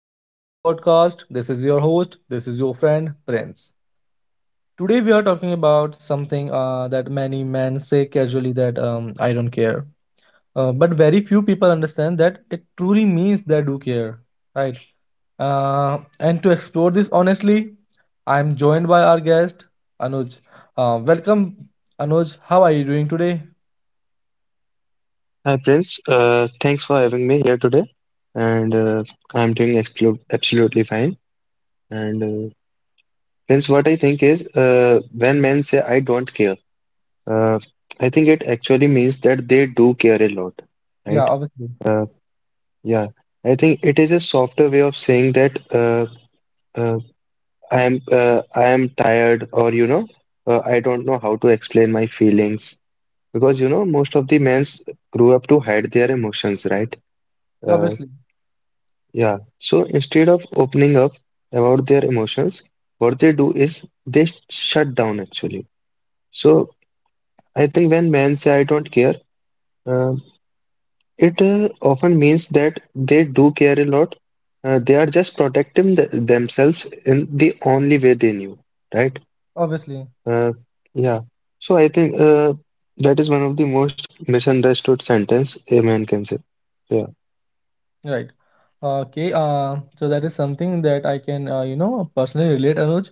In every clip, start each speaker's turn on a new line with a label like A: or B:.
A: welcome to the podcast. This is your host, this is your friend Prince. Today we are talking about something that many men say casually that I don't care. But very few people understand that it truly means they do care, right? And to explore this honestly, I'm joined by our guest, Anuj. Welcome, Anuj. How are you doing today?
B: Hi Prince, thanks for having me here today, and I'm doing absolutely fine. And Prince, what I think is, when men say I don't care. uh, I think it actually means that they do care a lot,
A: Yeah,
B: right?
A: obviously.
B: Uh, yeah, I think it is a softer way of saying that uh, I am tired, or I don't know how to explain my feelings because most of the men grew up to hide their emotions, right? Uh,
A: Obviously.
B: Yeah. So instead of opening up about their emotions, what they do is they shut down actually. So I think when men say I don't care, uh, it often means that they do care a lot. They are just protecting th themselves in the only way they knew, right?
A: Obviously.
B: Uh, yeah. So I think that is one of the most misunderstood sentence a man can say. Yeah.
A: Right. Okay. So that is something that I can, personally relate, Anuj.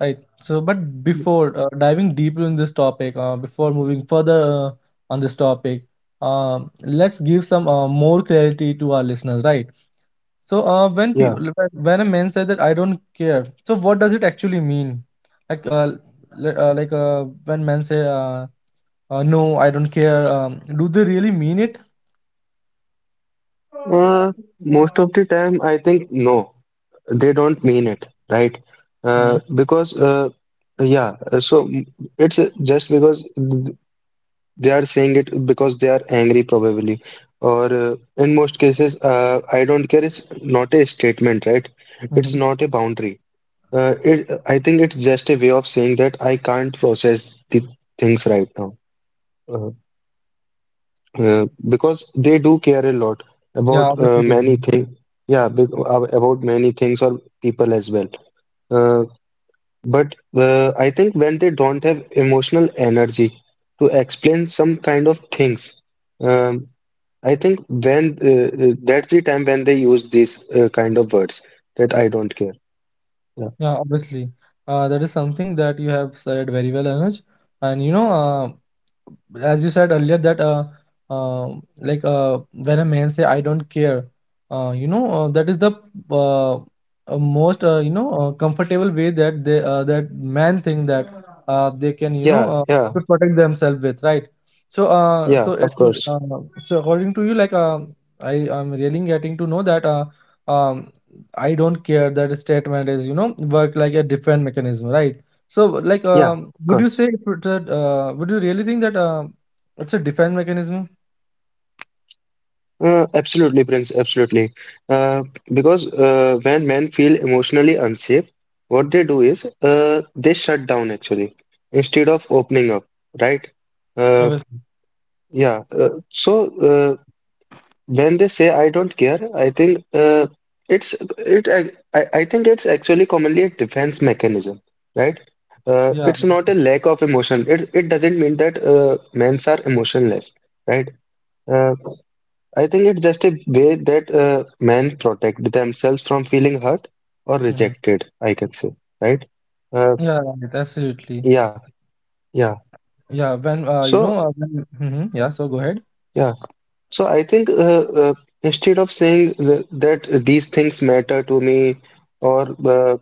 A: Right. So, but before diving deeper in this topic, before moving further on this topic, let's give some more clarity to our listeners, right? So, when
B: Yeah.
A: people, when a man says that I don't care, so what does it actually mean? Like, uh, like, when men say, no, I don't care, do they really mean it?
B: Uh, Most of the time, I think no, they don't mean it, right?
A: Mm-hmm.
B: Because yeah, uh, so mm, it's just because they are saying it because they are angry probably, or in most cases, I don't care is not a statement, right? It's
A: Mm-hmm.
B: not a boundary. I think it's just a way of saying that I can't process the things right now. Uh, because they do care a lot
A: Yeah,
B: about
A: obviously they do.
B: many things. Yeah, about many things or people as well. Uh, But I think when they don't have emotional energy to explain some kind of things, um, I think when that's the time when they use these kind of words that I don't care. Yeah,
A: Yeah, obviously. That is something that you have said very well, Anuj. And as you said earlier that uh like uh when a man say I don't care, that is the, most comfortable way that they, that man think that, they can,
B: yeah, yeah,
A: to protect themselves with, right. So uh
B: yeah,
A: so it
B: of
A: is,
B: course.
A: so according to you, like, I am really getting to know that, um I don't care, that statement is, work like a defense mechanism, right? So, like,
B: Yeah, of
A: would you
B: course.
A: say if it's a, would you really think that it's a defense mechanism?
B: Absolutely, Prince, absolutely. Uh, because when men feel emotionally unsafe, what they do is they shut down actually instead of opening up, right? Uh,
A: Obviously.
B: yeah. When they say I don't care, I think it's it I think it's actually commonly a defense mechanism, right?
A: Yeah.
B: It's not a lack of emotion. It doesn't mean that men are emotionless, right? Uh, I think it's just a way that men protect themselves from feeling hurt or
A: hmm
B: rejected, I can say, right? Uh,
A: Yeah, right, absolutely.
B: yeah, yeah.
A: Yeah, when you
B: So
A: know, when, yeah, so go ahead.
B: yeah, so I think instead of saying th that these things matter to me or uh,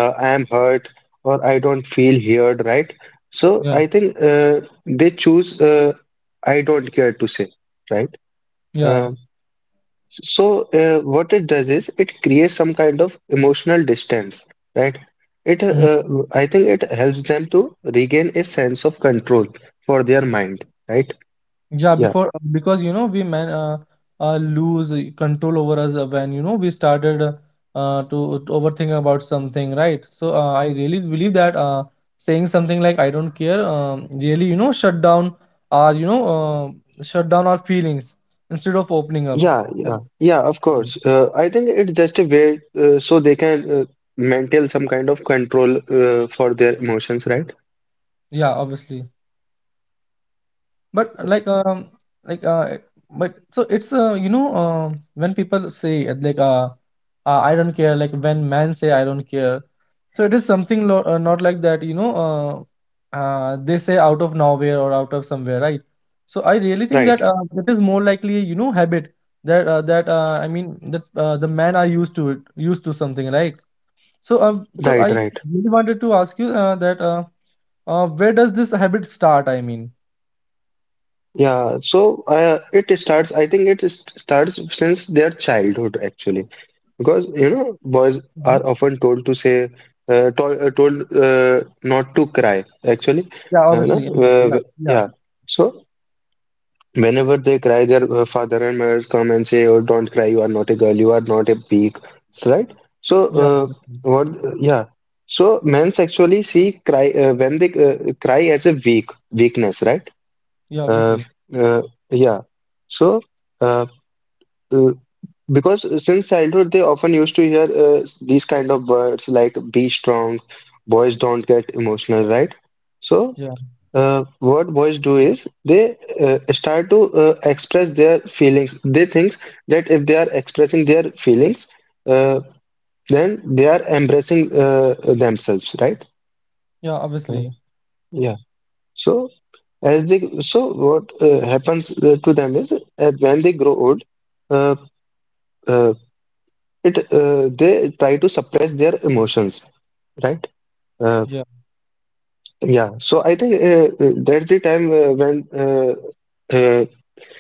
B: I am hurt or I don't feel heard, right? So
A: Yeah,
B: I think they choose I don't care to say, right?
A: yeah.
B: Um, what it does is it creates some kind of emotional distance, right? It I think it helps them to regain a sense of control for their mind, right?
A: Yeah,
B: Yeah,
A: before, because you know we men, lose control over us when you know we started to overthink about something, right? So I really believe that saying something like "I don't care" really, you know, shut down our feelings instead of opening up.
B: yeah,
A: Right.
B: yeah, yeah. Of
A: Mm.
B: course, I think it's just a way so they can maintain some kind of control for their emotions, right?
A: Yeah, obviously, but like, like it- but so it's, when people say, I don't care, like when men say, I don't care. So it is something not like that. They say out of nowhere or out of somewhere, right? So I really think
B: Right.
A: that it is more likely, habit that, I mean that the men are used to it, used to something like. So so I
B: Right, right.
A: really wanted to ask you, that where does this habit start? I mean,
B: Yeah, so it starts, I think starts since their childhood actually. Because, you know, boys
A: Mhm.
B: are often told not to cry actually.
A: Yeah, obviously, yeah, yeah, yeah,
B: Yeah. So whenever they cry, their father and mothers come and say, "Oh, don't cry, you are not a girl, you are not a pig," right? So,
A: yeah, obviously.
B: what, yeah. So men actually see cry when they cry as a weakness, right?
A: Yeah, yeah,
B: Uh,
A: obviously,
B: uh, yeah. So, uh, uh, because since childhood, they often used to hear these kind of words like "be strong," "boys don't get emotional," right? So,
A: yeah,
B: what boys do is they start to express their feelings. They think that if they are expressing their feelings, uh, then they are embracing themselves, right?
A: yeah,
B: Uh,
A: obviously,
B: yeah. So. As they so what happens to them is when they grow old, uh, uh, it they try to suppress their emotions, right? Uh,
A: yeah.
B: yeah. So I think that's the time when uh,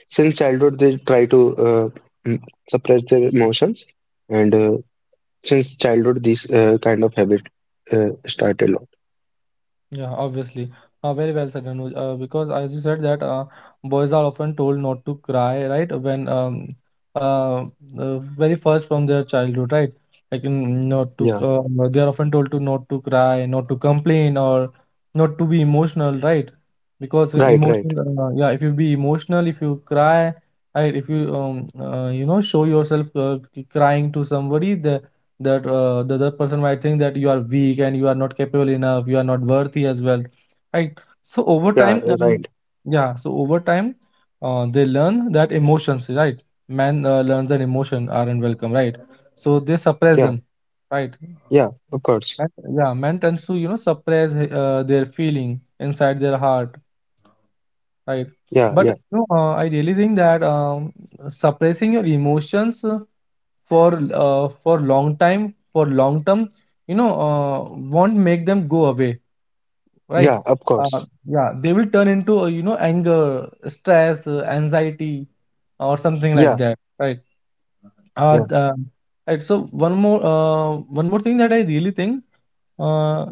B: since childhood they try to mm, suppress their emotions, and since childhood this kind of habit started a lot.
A: Yeah, obviously. Very well said, Anuj. Because as you said that boys are often told not to cry, right? When uh, very first from their childhood, right? Like, not to,
B: Yeah.
A: they are often told to not to cry, not to complain, or not to be emotional, right? Because
B: Right. Right.
A: emotional, yeah, if you be emotional, if you cry, right? If you, show yourself, crying to somebody, that the other person might think that you are weak and you are not capable enough, you are not worthy as well, right. So over
B: Yeah.
A: time,
B: Right.
A: yeah so over time they learn that emotions, right. Man learns that emotion are unwelcome, right. So they suppress
B: Yeah.
A: them, right.
B: Yeah. Of course.
A: And, yeah, man tends to, suppress their feeling inside their heart, right.
B: Yeah.
A: But
B: Yeah.
A: I really think that, suppressing your emotions for long time for long term, won't make them go away, right.
B: Yeah. Of
A: uh,
B: course.
A: yeah, they will turn into, anger, stress, anxiety or something like
B: Yeah.
A: that, right. uh,
B: Yeah.
A: the, and so one more, one more thing that I really think, uh,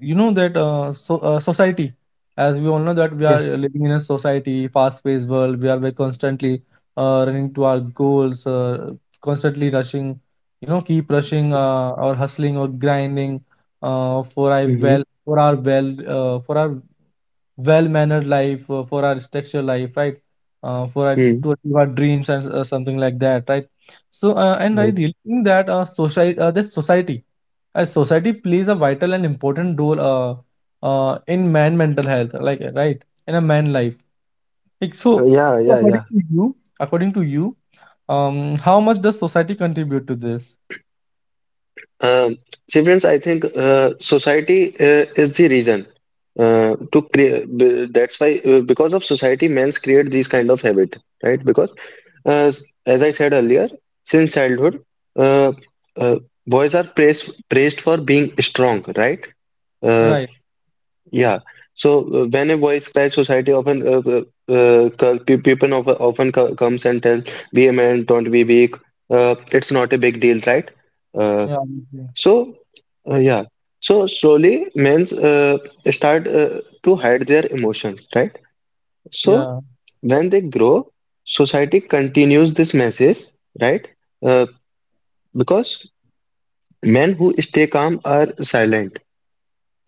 A: that society, as we all know that we
B: Yeah.
A: are living in a society, fast-paced world. We are very constantly running to our goals, constantly rushing, you know, keep rushing or hustling or grinding,
B: Mm-hmm.
A: for our well-mannered life, for our structured life, right? For our,
B: Mm,
A: to achieve our dreams and something like that, right? So, and I
B: right.
A: really think that, society, this society, as society plays a vital and important role, in man mental health, like right, in a man life. Like, so,
B: Yeah, yeah,
A: according
B: yeah.
A: to you, how much does society contribute to this?
B: Um, See, friends, I think society is the reason to create. That's why, because of society, men's create these kind of habit, right? Because as I said earlier, since childhood, uh, uh, boys are praised for being strong, right? Uh,
A: Right.
B: Yeah. So when a voice cries, society people comes and tell, "Be a man, don't be weak. It's not a big deal, right?" Uh,
A: Yeah.
B: so yeah. So slowly, men's start to hide their emotions, right? So
A: Yeah.
B: when they grow, society continues this message, right? Uh, because men who stay calm are silent.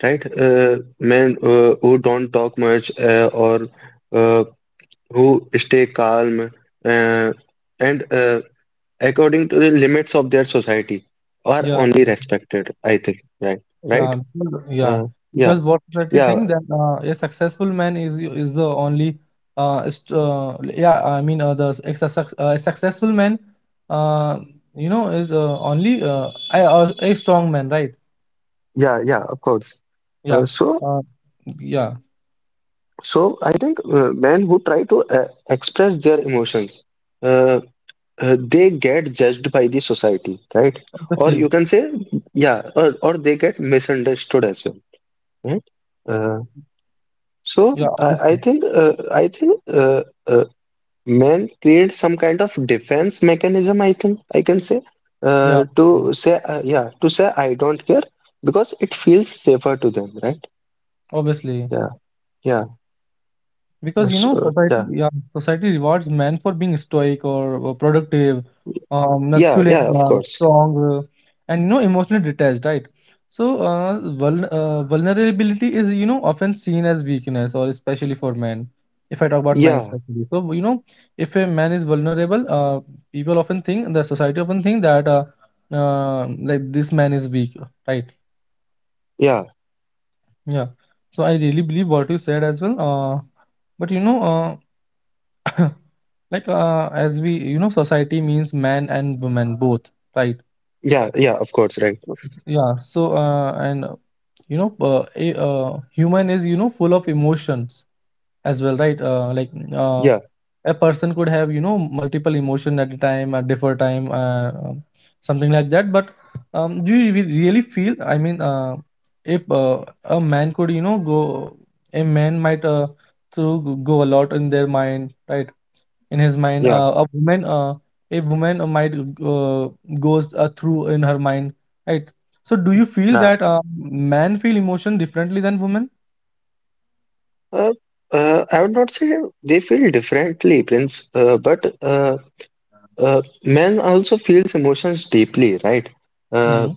B: Right? Men who don't talk much or uh, who stay calm uh, and according to the limits of their society are
A: Yeah.
B: only respected, I think, right? Right?
A: Yeah.
B: Yeah,
A: Because what society
B: yeah,
A: think that a successful man is the only, st yeah I mean the ex suc- a successful man, uh you know is only a, a strong man, right.
B: yeah, yeah, of course.
A: Yeah.
B: So,
A: uh, yeah,
B: I think men who try to express their emotions, uh, they get judged by the society, right? Or
A: obviously.
B: you can say, yeah, or they get misunderstood as well, right? Uh, so
A: Yeah,
B: I
A: obviously.
B: think man creates some kind of defense mechanism. I think I can say
A: Yeah,
B: to say I don't care because it feels safer to them, right?
A: obviously.
B: Yeah, yeah,
A: Because
B: uh,
A: you know,
B: so,
A: society,
B: uh,
A: rewards men for being stoic or, productive,
B: yeah, yeah, yeah.
A: masculine,
B: Of course,
A: strong, and emotionally detached, right? So, vulnerability is, often seen as weakness, or especially for men. If I talk about men
B: yeah,
A: especially, so, if a man is vulnerable, people often think the society often think that, like this man is weak, right?
B: yeah,
A: Yeah. So I really believe what you said as well. But you know. Like as we, society means man and woman both, right.
B: yeah, yeah. Of course, right?
A: Yeah, so and a, human is, full of emotions as well, right. Like uh,
B: Yeah,
A: a person could have, multiple emotion at a time at different time, something like that, but do you really feel, I mean, if a man could, go, a man might, through go a lot in their mind, right. In his mind,
B: yeah,
A: a woman might uh, goes through in her mind, right. So do you feel
B: yeah.
A: that men feel emotion differently than women?
B: Uh, I would not say they feel differently, Prince, but men also feels emotions deeply, right? Uh,
A: Mm-hmm.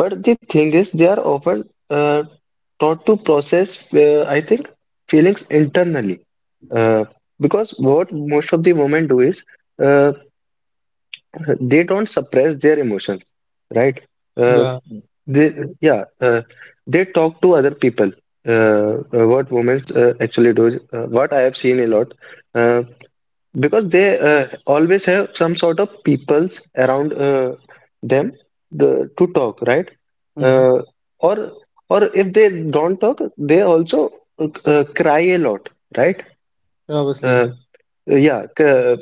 B: but the thing is, they are often taught to process, I think, feelings internally. Uh, because what most of the women do is uh, they don't suppress their emotions, right? Uh,
A: Yeah.
B: they, yeah, they talk to other people. What women actually do is, what I have seen a lot. uh, because they always have some sort of peoples around them to talk, right?
A: Mm-hmm.
B: uh, or if they don't talk they also cry a lot, right?
A: Yeah, obviously.
B: uh,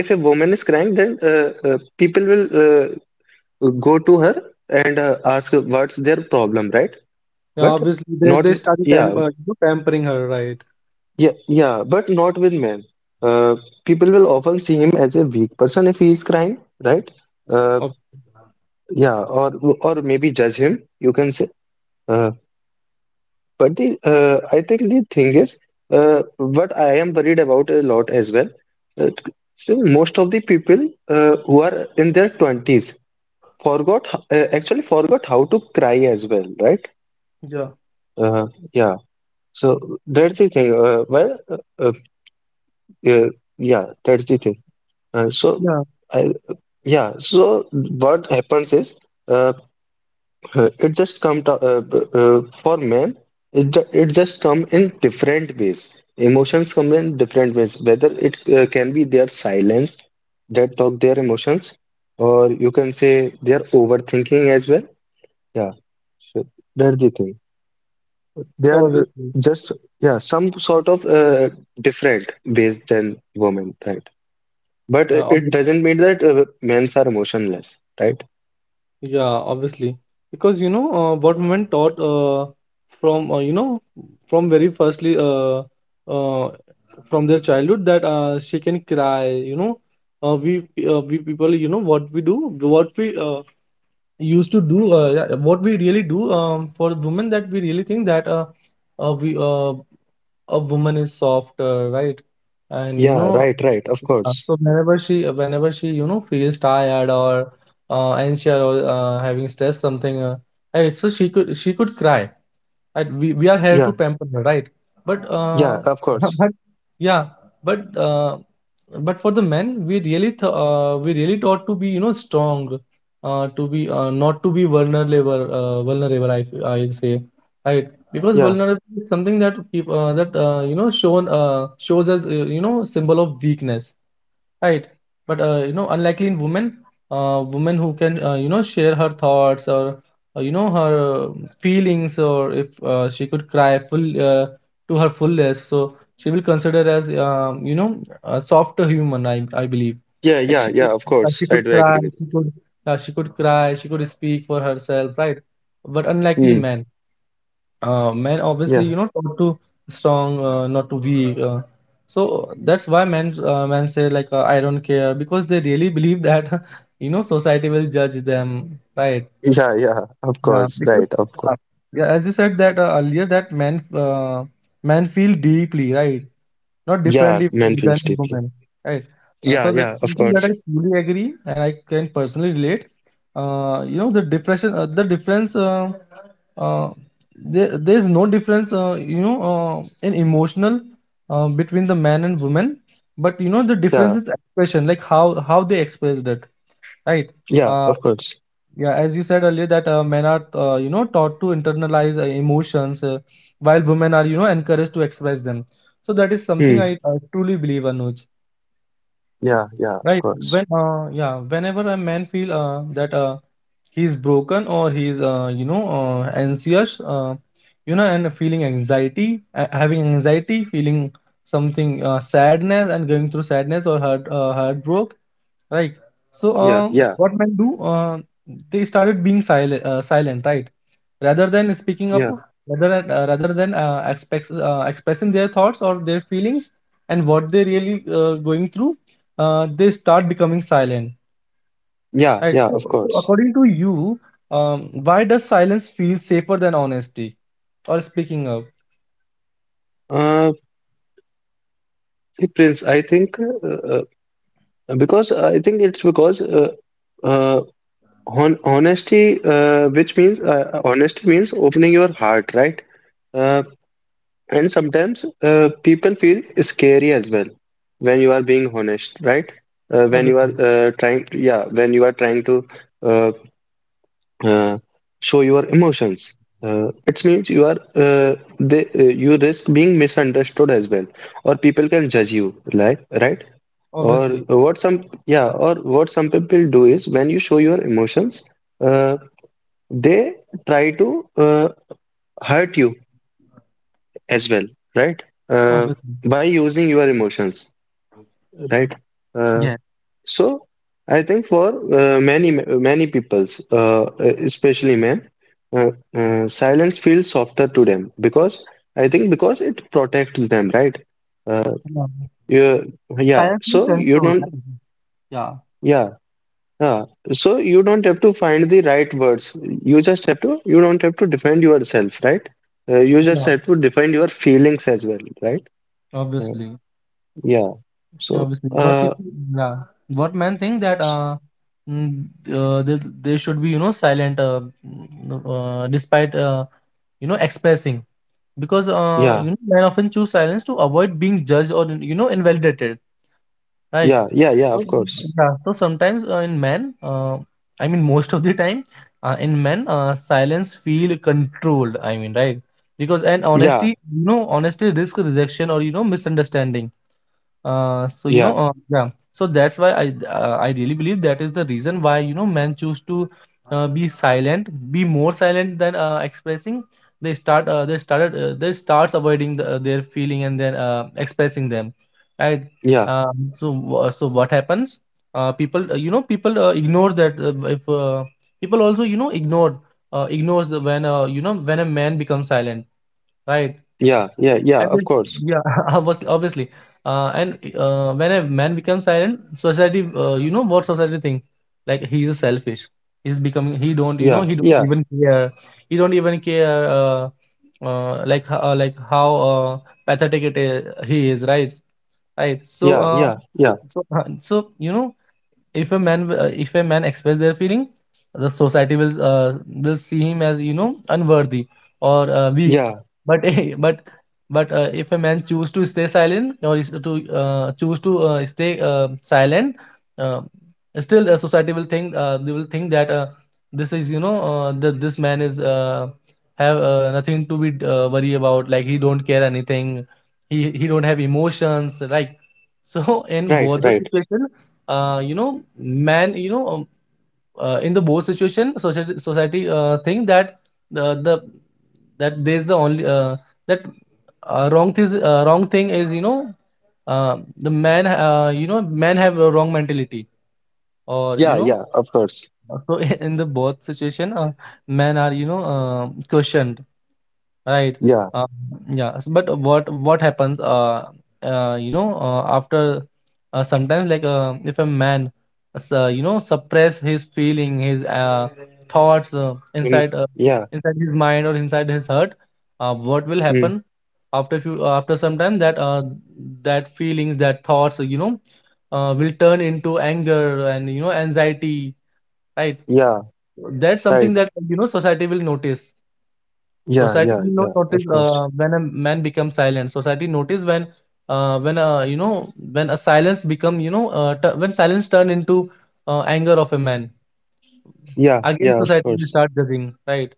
B: if a woman is crying then people will go to her and ask what's their problem, right?
A: Yeah,
B: but
A: obviously they
B: not
A: they started
B: yeah
A: pampering her, right?
B: Yeah, yeah, but not with men. Uh, People will often see him as a weak person if he is crying, right? Uh,
A: Ob-
B: yeah, or maybe judge him, you can say. Uh, but the I think the thing is, what I am worried about a lot as well. Uh, so most of the people who are in their twenties actually forgot how to cry as well, right?
A: yeah,
B: Yeah. So that's the thing. Well, uh, uh, yeah, that's the thing. Uh, so,
A: yeah,
B: I, yeah, so what happens is uh, it just come to, for men, it just come in different ways. Emotions come in different ways, whether it can be their silence that talk their emotions, or you can say their overthinking as well. Yeah, so that's the thing. They are
A: obviously.
B: just, yeah, some sort of different ways than women, right? But
A: Yeah,
B: it
A: obviously.
B: doesn't mean that men's are emotionless, right?
A: Yeah, obviously. Because, what women taught from you know, from very firstly, uh, from their childhood, that she can cry. Uh, we we people, what we do, what we used to do, yeah, what we really do, for women, that we really think that, we, a woman is softer, right? And
B: Yeah, right, right, of
A: yeah,
B: course.
A: so whenever she, feels tired or anxious or having stress, something, right? So she could cry, and we are here to
B: Yeah,
A: pamper her, right? But
B: yeah,
A: uh,
B: of course.
A: but yeah, but uh, but for the men, we really taught to be, strong, to be not to be vulnerable, vulnerable. I say, right? Because
B: Yeah,
A: vulnerability is something that people, that shown shows as, you know, symbol of weakness. Right. But unlikely in women, women who can you know, share her thoughts or you know, her feelings, or if she could cry full, to her fullest, so she will consider as, you know, a softer human. I believe.
B: yeah,
A: Like
B: yeah,
A: she
B: yeah,
A: could,
B: of
A: uh,
B: course.
A: she
B: I
A: could
B: do
A: cry.
B: agree with
A: She could cry. She could speak for herself. Right. But
B: you.
A: unlikely
B: Mm,
A: man men
B: yeah,
A: obviously, you know, taught to strong, not to weak, so that's why men say like, I don't care, because they really believe that you know society will judge them, right.
B: yeah, yeah, of
A: Yeah,
B: course,
A: because
B: right, of course.
A: uh, yeah, as you said that earlier, that men feel deeply, right. Not
B: Yeah,
A: differently
B: man
A: than
B: feels deeply.
A: women, right?
B: Yeah,
A: So that's
B: yeah, of
A: something that
B: course.
A: I truly agree and I can personally relate. You know, the depression, the difference, uh, there's no difference, you know, in emotional, between the man and woman, but you know, the difference
B: Yeah,
A: is expression, like how they expressed it, right?
B: yeah,
A: Uh,
B: of course.
A: yeah, as you said earlier, that men are, you know, taught to internalize emotions, while women are, you know, encouraged to express them. So that is something
B: Hmm.
A: I truly believe, Anuj.
B: Yeah, yeah, of
A: Right?
B: course.
A: Yeah, whenever a man feel that he's broken or anxious, and feeling anxiety, having anxiety, feeling something sadness, and going through sadness or heartbreak, right. so
B: Yeah,
A: um,
B: yeah,
A: what men do they started being silent, right, rather than speaking up,
B: yeah,
A: rather than expressing their thoughts or their feelings and what they really going through. They start becoming silent,
B: yeah,
A: right.
B: yeah, of
A: So
B: course.
A: according to you, why does silence feel safer than honesty or speaking up?
B: Uh, See, Prince, I think because I think it's because uh, honesty, which means honesty means opening your heart, right? Uh, and sometimes people feel scary as well when you are being honest, right? When you
A: Obviously.
B: are when you are trying to uh, uh, show your emotions, it means you risk being misunderstood as well, or people can judge you, like right? Or
A: Obviously.
B: or what some people do is when you show your emotions. uh, they try to hurt you as well, right? Uh,
A: Obviously.
B: by using your emotions, right? Uh,
A: Yeah,
B: so I think for many peoples, especially men, silence feels softer to them because I think because it protects them, right? Uh,
A: yeah.
B: yeah, yeah.
A: Silence means
B: So you
A: control,
B: don't.
A: right? Yeah.
B: Yeah. Yeah, so you don't have to find the right words. You don't have to defend yourself, right? You just
A: Yeah.
B: have to defend your feelings as well, right? Uh,
A: Obviously.
B: yeah.
A: Yeah,
B: So,
A: obviously. What people, yeah, what men think that
B: s-
A: mm, they should be, you know, silent, mm, despite expressing, because
B: yeah,
A: you know, men often choose silence to avoid being judged or, you know, invalidated, right?
B: yeah, yeah, yeah,
A: So
B: of course.
A: yeah, so sometimes in men, I mean most of the time, in men, silence feel controlled. I mean, right? Because, and
B: Yeah,
A: honesty, you know, honesty risk rejection or, you know, misunderstanding. So you know,
B: yeah,
A: that's why I really believe that is the reason why, you know, men choose to be silent, be more silent than expressing. They start they started they starts avoiding the, their feeling and then expressing them, right?
B: yeah,
A: So what happens? People you know, people ignore that if people also, you know, ignore ignores the, when you know, when a man becomes silent, right?
B: yeah, yeah, yeah,
A: And this,
B: of course.
A: yeah, obviously, obviously. And When a man becomes silent, society, you know, what society think? Like, he's selfish. He's becoming. He don't. You know.
B: Yeah,
A: He don't
B: yeah,
A: even care. He don't even care. Like how pathetic it is, he is. Right. Right. So.
B: yeah,
A: Uh,
B: yeah, yeah,
A: so. uh, so you know, if a man express their feeling, the society will see him as, you know, unworthy or weak,
B: yeah,
A: but but if a man choose to stay silent or is to choose to stay silent, uh, still the society will think they will think that this is, you know, that this man is have nothing to be worry about, like he don't care anything, he don't have emotions, like so in
B: right,
A: both the
B: right.
A: situation you know, man, you know, in the board situation, society think that the that there's the only that wrong thing is, you know, the man you know, men have a wrong mentality or, you
B: Yeah,
A: know,
B: yeah, of course.
A: so in the both situation men are, you know, questioned. Right.
B: Yeah,
A: Uh, But what happens? You know, after sometimes, like if a man, you know, suppress his feeling, his thoughts
B: mm,
A: inside
B: yeah,
A: inside his mind or inside his heart, what will
B: mm,
A: happen after few, after some time, that that feelings, that thoughts, you know, will turn into anger and, you know, anxiety. Right.
B: yeah,
A: That's
B: right.
A: something that, you know, society will notice.
B: Yeah,
A: Society
B: yeah,
A: will not
B: yeah, of
A: notice
B: course.
A: when a man becomes silent. Society notice when you know, when a silence become, you know, when silence turn into anger of a man.
B: Yeah,
A: Again,
B: yeah, of
A: society will
B: course.
A: start judging, right?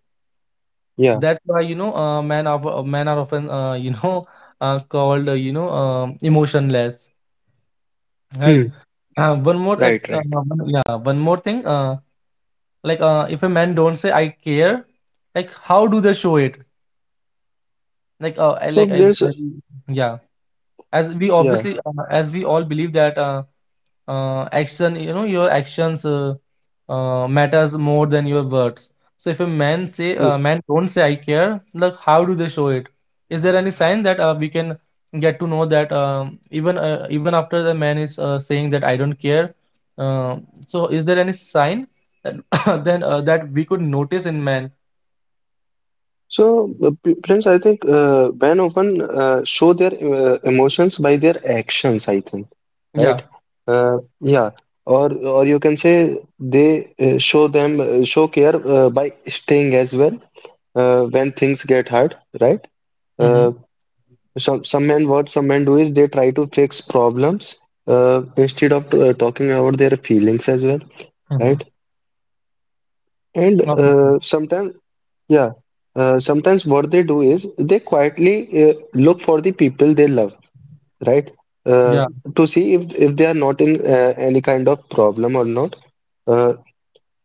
B: Yeah.
A: That's why, you know, men are often you know, called, you know, um, emotionless, right?
B: Hmm.
A: One more act,
B: Right, right.
A: one, yeah, One more thing. If a man don't say I care, like how do they show it? Like I
B: So
A: like as,
B: there's
A: as yeah, as we
B: Yeah.
A: obviously as we all believe that action, you know, your actions matters more than your words. So if a man say
B: Mm.
A: man don't say I care, like how do they show it? Is there any sign that we can get to know that, even even after the man is saying that I don't care, uh, so is there any sign that then that we could notice in man?
B: So, Prince, I think men often show their emotions by their actions. I think, right?
A: Yeah.
B: Yeah. Or you can say they show care by staying as well, when things get hard, right?
A: Mm-hmm.
B: Uh, some men do is they try to fix problems, instead of talking about their feelings as well,
A: Mm-hmm.
B: right? And
A: Obviously.
B: sometimes. Yeah. Sometimes what they do is they quietly look for the people they love, right? Uh,
A: Yeah.
B: to see if they are not in any kind of problem or not. Uh,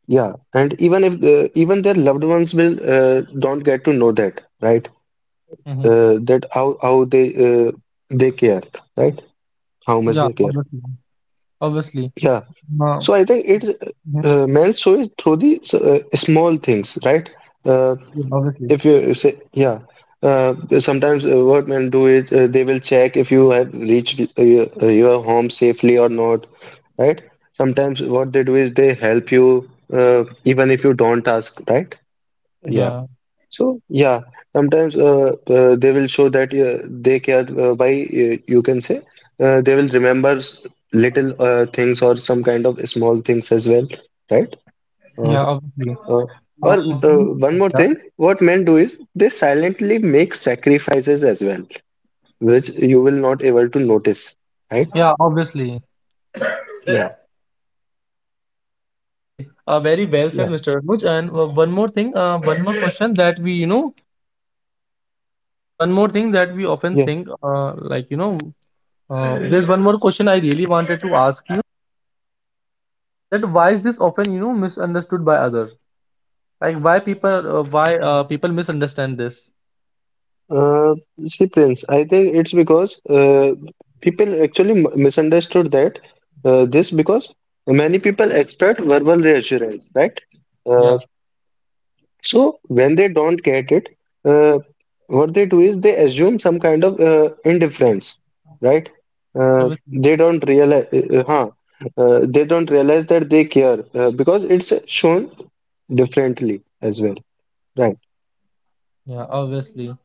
B: yeah, and even if even their loved ones will, don't get to know that, right?
A: Mm-hmm.
B: That how they care, right? How much
A: Yeah.
B: they care.
A: Obviously. Obviously.
B: Yeah.
A: Wow.
B: So I think it
A: Mhm.
B: men show it through the small things, right? Uh,
A: Yeah, obviously.
B: If you say, Yeah, sometimes what men do is they will check if you have reached your home safely or not, right? Sometimes what they do is they help you, even if you don't ask, right? Yeah.
A: Yeah,
B: So, yeah, sometimes they will show that they care by, you can say, they will remember little things or some kind of small things as well, right? Or
A: yeah, obviously.
B: uh,
A: Um,
B: or one more
A: yeah,
B: thing, what men do is they silently make sacrifices as well, which you will not able to notice, right?
A: yeah, obviously.
B: Yeah,
A: Obviously. Very well said,
B: yeah,
A: Mr. Arbuj. And one more thing, one more question that we, you know, one more thing that we often
B: yeah.
A: think, like, you know, there's one more question I really wanted to ask you, that why is this often, you know, misunderstood by others? Like, why people misunderstand this?
B: Uh, See, Prince, I think it's because people actually misunderstood that, this because many people expect verbal reassurance, right? Uh,
A: Yeah,
B: So when they don't get it, uh, what they do is they assume some kind of indifference, right? Uh,
A: obviously.
B: they don't realize, uh, huh, they don't realize that they care, because it's shown differently as well, right?
A: Yeah, obviously,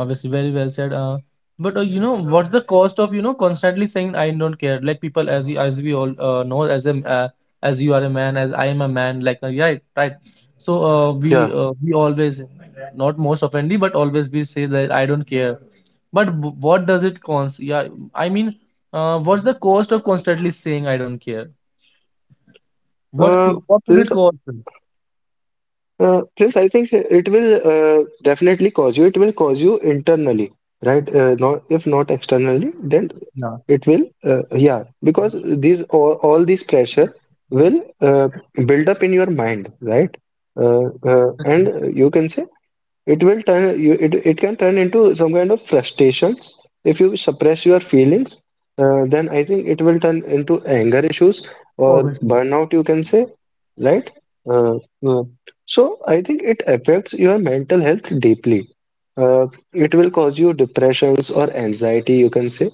A: obviously, very well said. But You know, what's the cost of, you know, constantly saying I don't care? Like people, as we all know, as you are a man, as I am a man. Like right, right. So
B: Yeah.
A: we always, not most oftenly, but always we say that I don't care. But what does it cost? Yeah, I mean, what's the cost of constantly saying I don't care?
B: Uh,
A: What would it
B: Prince,
A: cost?
B: Prince, I think it will definitely cause you. It will cause you internally, right? Not if not externally, then
A: Yeah,
B: it will. Yeah, because all these pressure will build up in your mind, right?
A: obviously,
B: And you can say it will turn you it, it can turn into some kind of frustrations if you suppress your feelings. Then I think it will turn into anger issues or
A: obviously.
B: burnout, you can say, right. uh, uh, so I think it affects your mental health deeply. uh, it will cause you depressions or anxiety, you can say.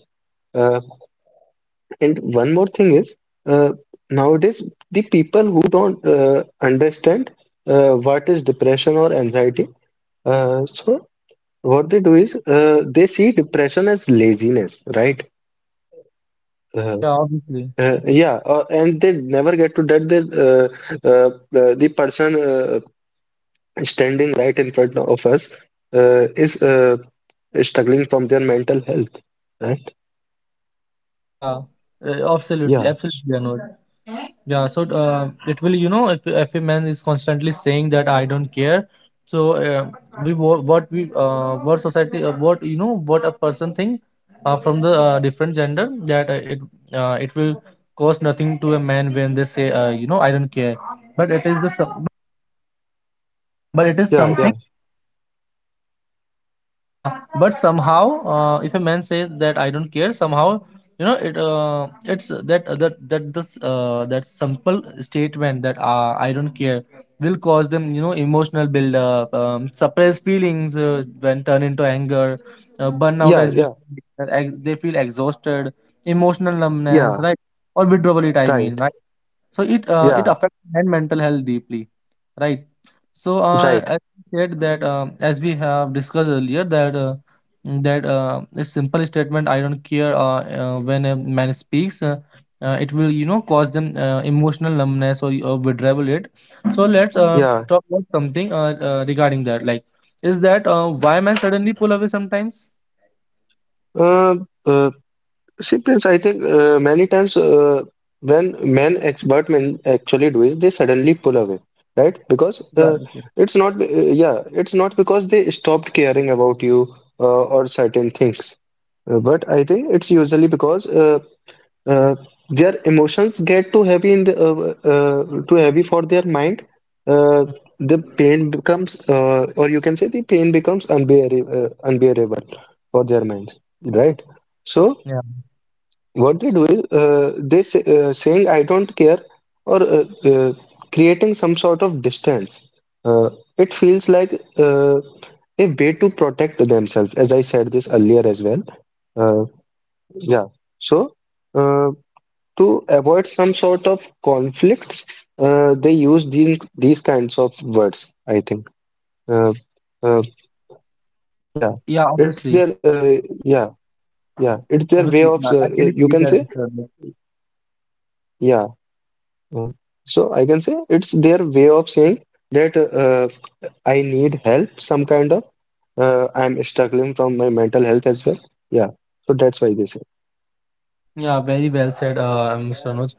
B: uh, and one more thing is, uh, nowadays the people who don't understand what is depression or anxiety. So what they do is, they see depression as laziness, right? Uh,
A: Yeah, obviously.
B: yeah, and they never get to that. Uh, the person standing right in front of us is struggling from their mental health, right?
A: Yeah, absolutely,
B: Yeah,
A: absolutely, Anur. Yeah, so it will, you know, if a man is constantly saying that I don't care, so we wo- what we what society what, you know, what a person think from the different gender, that it will cost nothing to a man when they say, you know, I don't care, but it is the but it is
B: yeah,
A: something.
B: yeah,
A: Yeah, but somehow if a man says that I don't care, somehow, you know, it's that that this that simple statement that I don't care will cause them, you know, emotional build up, suppressed feelings when turn into anger, burnout,
B: yeah,
A: as you
B: yeah,
A: said, that they feel exhausted, emotional numbness,
B: yeah,
A: right, or withdrawal, it, I mean,
B: right,
A: right. So it it
B: yeah,
A: affects and mental health deeply, right? So
B: right,
A: as we said that, as we have discussed earlier, that a simple statement I don't care, when a man speaks, it will, you know, cause them emotional numbness or withdrawal rate. So let's
B: yeah.
A: talk about something regarding that. Like, is that why men suddenly pull away sometimes?
B: Um, Uh, See, Prince, I think many times when expert men actually do it, they suddenly pull away, right? Because
A: Yeah, obviously.
B: it's not, be- yeah, it's not because they stopped caring about you, uh, or certain things. But I think it's usually because uh, their emotions get too heavy for their mind. Uh,
A: Hmm.
B: or you can say, the pain becomes unbearable for their minds, right? So
A: Yeah,
B: what they do is, saying I don't care, or creating some sort of distance. Uh, it feels like a way to protect themselves, as I said this earlier as well. Uh, yeah. So, uh, to avoid some sort of conflicts, they use these kinds of words, I think. Uh, uh, yeah.
A: yeah,
B: It's their
A: obviously,
B: Yeah, yeah. It's their way of,
A: obviously. I
B: you
A: really
B: can say.
A: believe that, Mr. Abhay.
B: Yeah. Mm. So I can say it's their way of saying that, I need help. Some kind of, I'm struggling from my mental health as well. Yeah, so that's why they say.
A: Yeah, very well said, Mr. Anuj.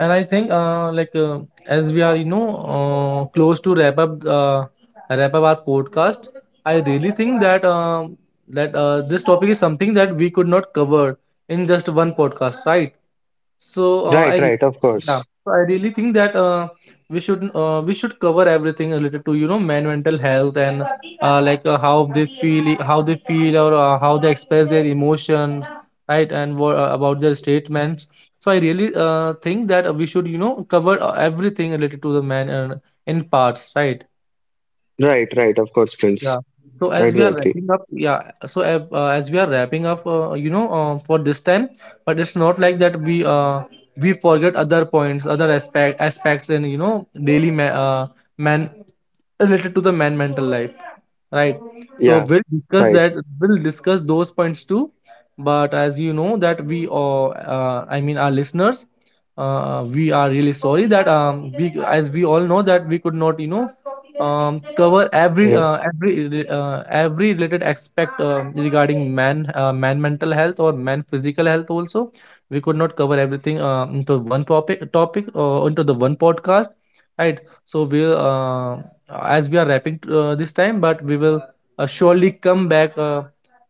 A: And I think, like, as we are, you know, close to wrap up, our podcast, I really think that, that this topic is something that we could not cover in just one podcast, right? So
B: Right, right, of
A: yeah,
B: course.
A: so I really think that we should cover everything related to, you know, man mental health, and like how they feel, or how they express their emotion, right, and what, about their statements. So I really think that we should, you know, cover everything related to the man, and in parts, right?
B: Right, right, of course, Prince.
A: Yeah, so
B: I
A: as we
B: do
A: are
B: agree.
A: wrapping up, yeah, so as we are wrapping up, you know, for this time, but it's not like that we forget other points, other aspect aspects in, you know, man related to the man mental life, right? So
B: Yeah,
A: we'll discuss
B: right.
A: that, we'll discuss those points too. But as you know that we are I mean, our listeners, we are really sorry that, um, we, as we all know that, we could not, you know, um, cover every
B: Uh,
A: every related aspect regarding man, man mental health or man physical health also. We could not cover everything into one topic or into the one podcast, right? So we'll as we are wrapping this time, but we will surely come back,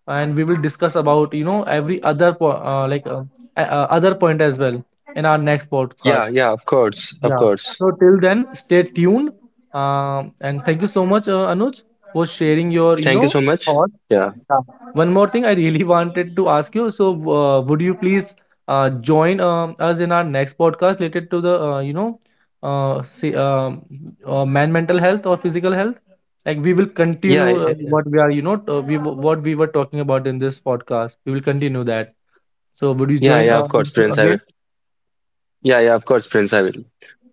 A: and we will discuss about, you know, every other like, other point as well in our next
B: yeah,
A: podcast.
B: yeah, of course, of
A: Yeah,
B: course.
A: so till then, stay tuned, and thank you so much, Anuj, for sharing your, you
B: Thank you
A: know,
B: so much.
A: thoughts.
B: Yeah,
A: Yeah. One more thing I really wanted to ask you. So, would you please join, us in our next podcast related to the, you know, say, man mental health or physical health? Like we will continue
B: yeah,
A: what we are, you know, we what we were talking about in this podcast. We will continue that. So, would you
B: yeah,
A: join
B: yeah, of course, Prince, I will.
A: again?
B: Yeah, yeah, of course, Prince, I will.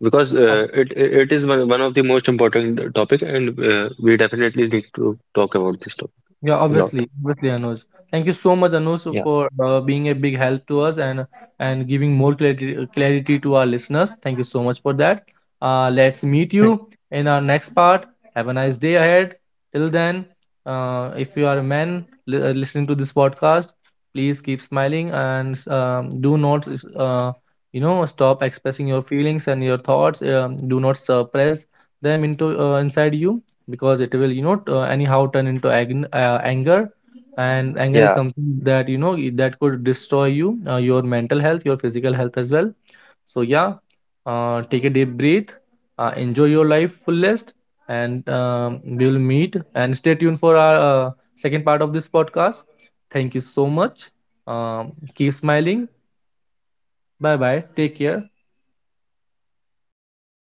B: Because it is one of the most important topic, and we definitely need to talk about this topic
A: Yeah,
B: a lot.
A: obviously, obviously, Anuj. Thank you so much, Anuj,
B: Yeah,
A: for being a big help to us, and giving more clarity to our listeners. Thank you so much for that. Let's meet you
B: thank-
A: in our next part. Have a nice day ahead. Till then, if you are a man, listening to this podcast, please keep smiling and, do not, uh, you know, stop expressing your feelings and your thoughts. Do not suppress them into inside you, because it will, you know, anyhow turn into anger, and anger is
B: yeah.
A: something that, you know, that could destroy you, your mental health, your physical health as well. So yeah, take a deep breath, enjoy your life fullest, and, we will meet, and stay tuned for our uh, second part of this podcast. Thank you so much, keep smiling, bye bye, take care.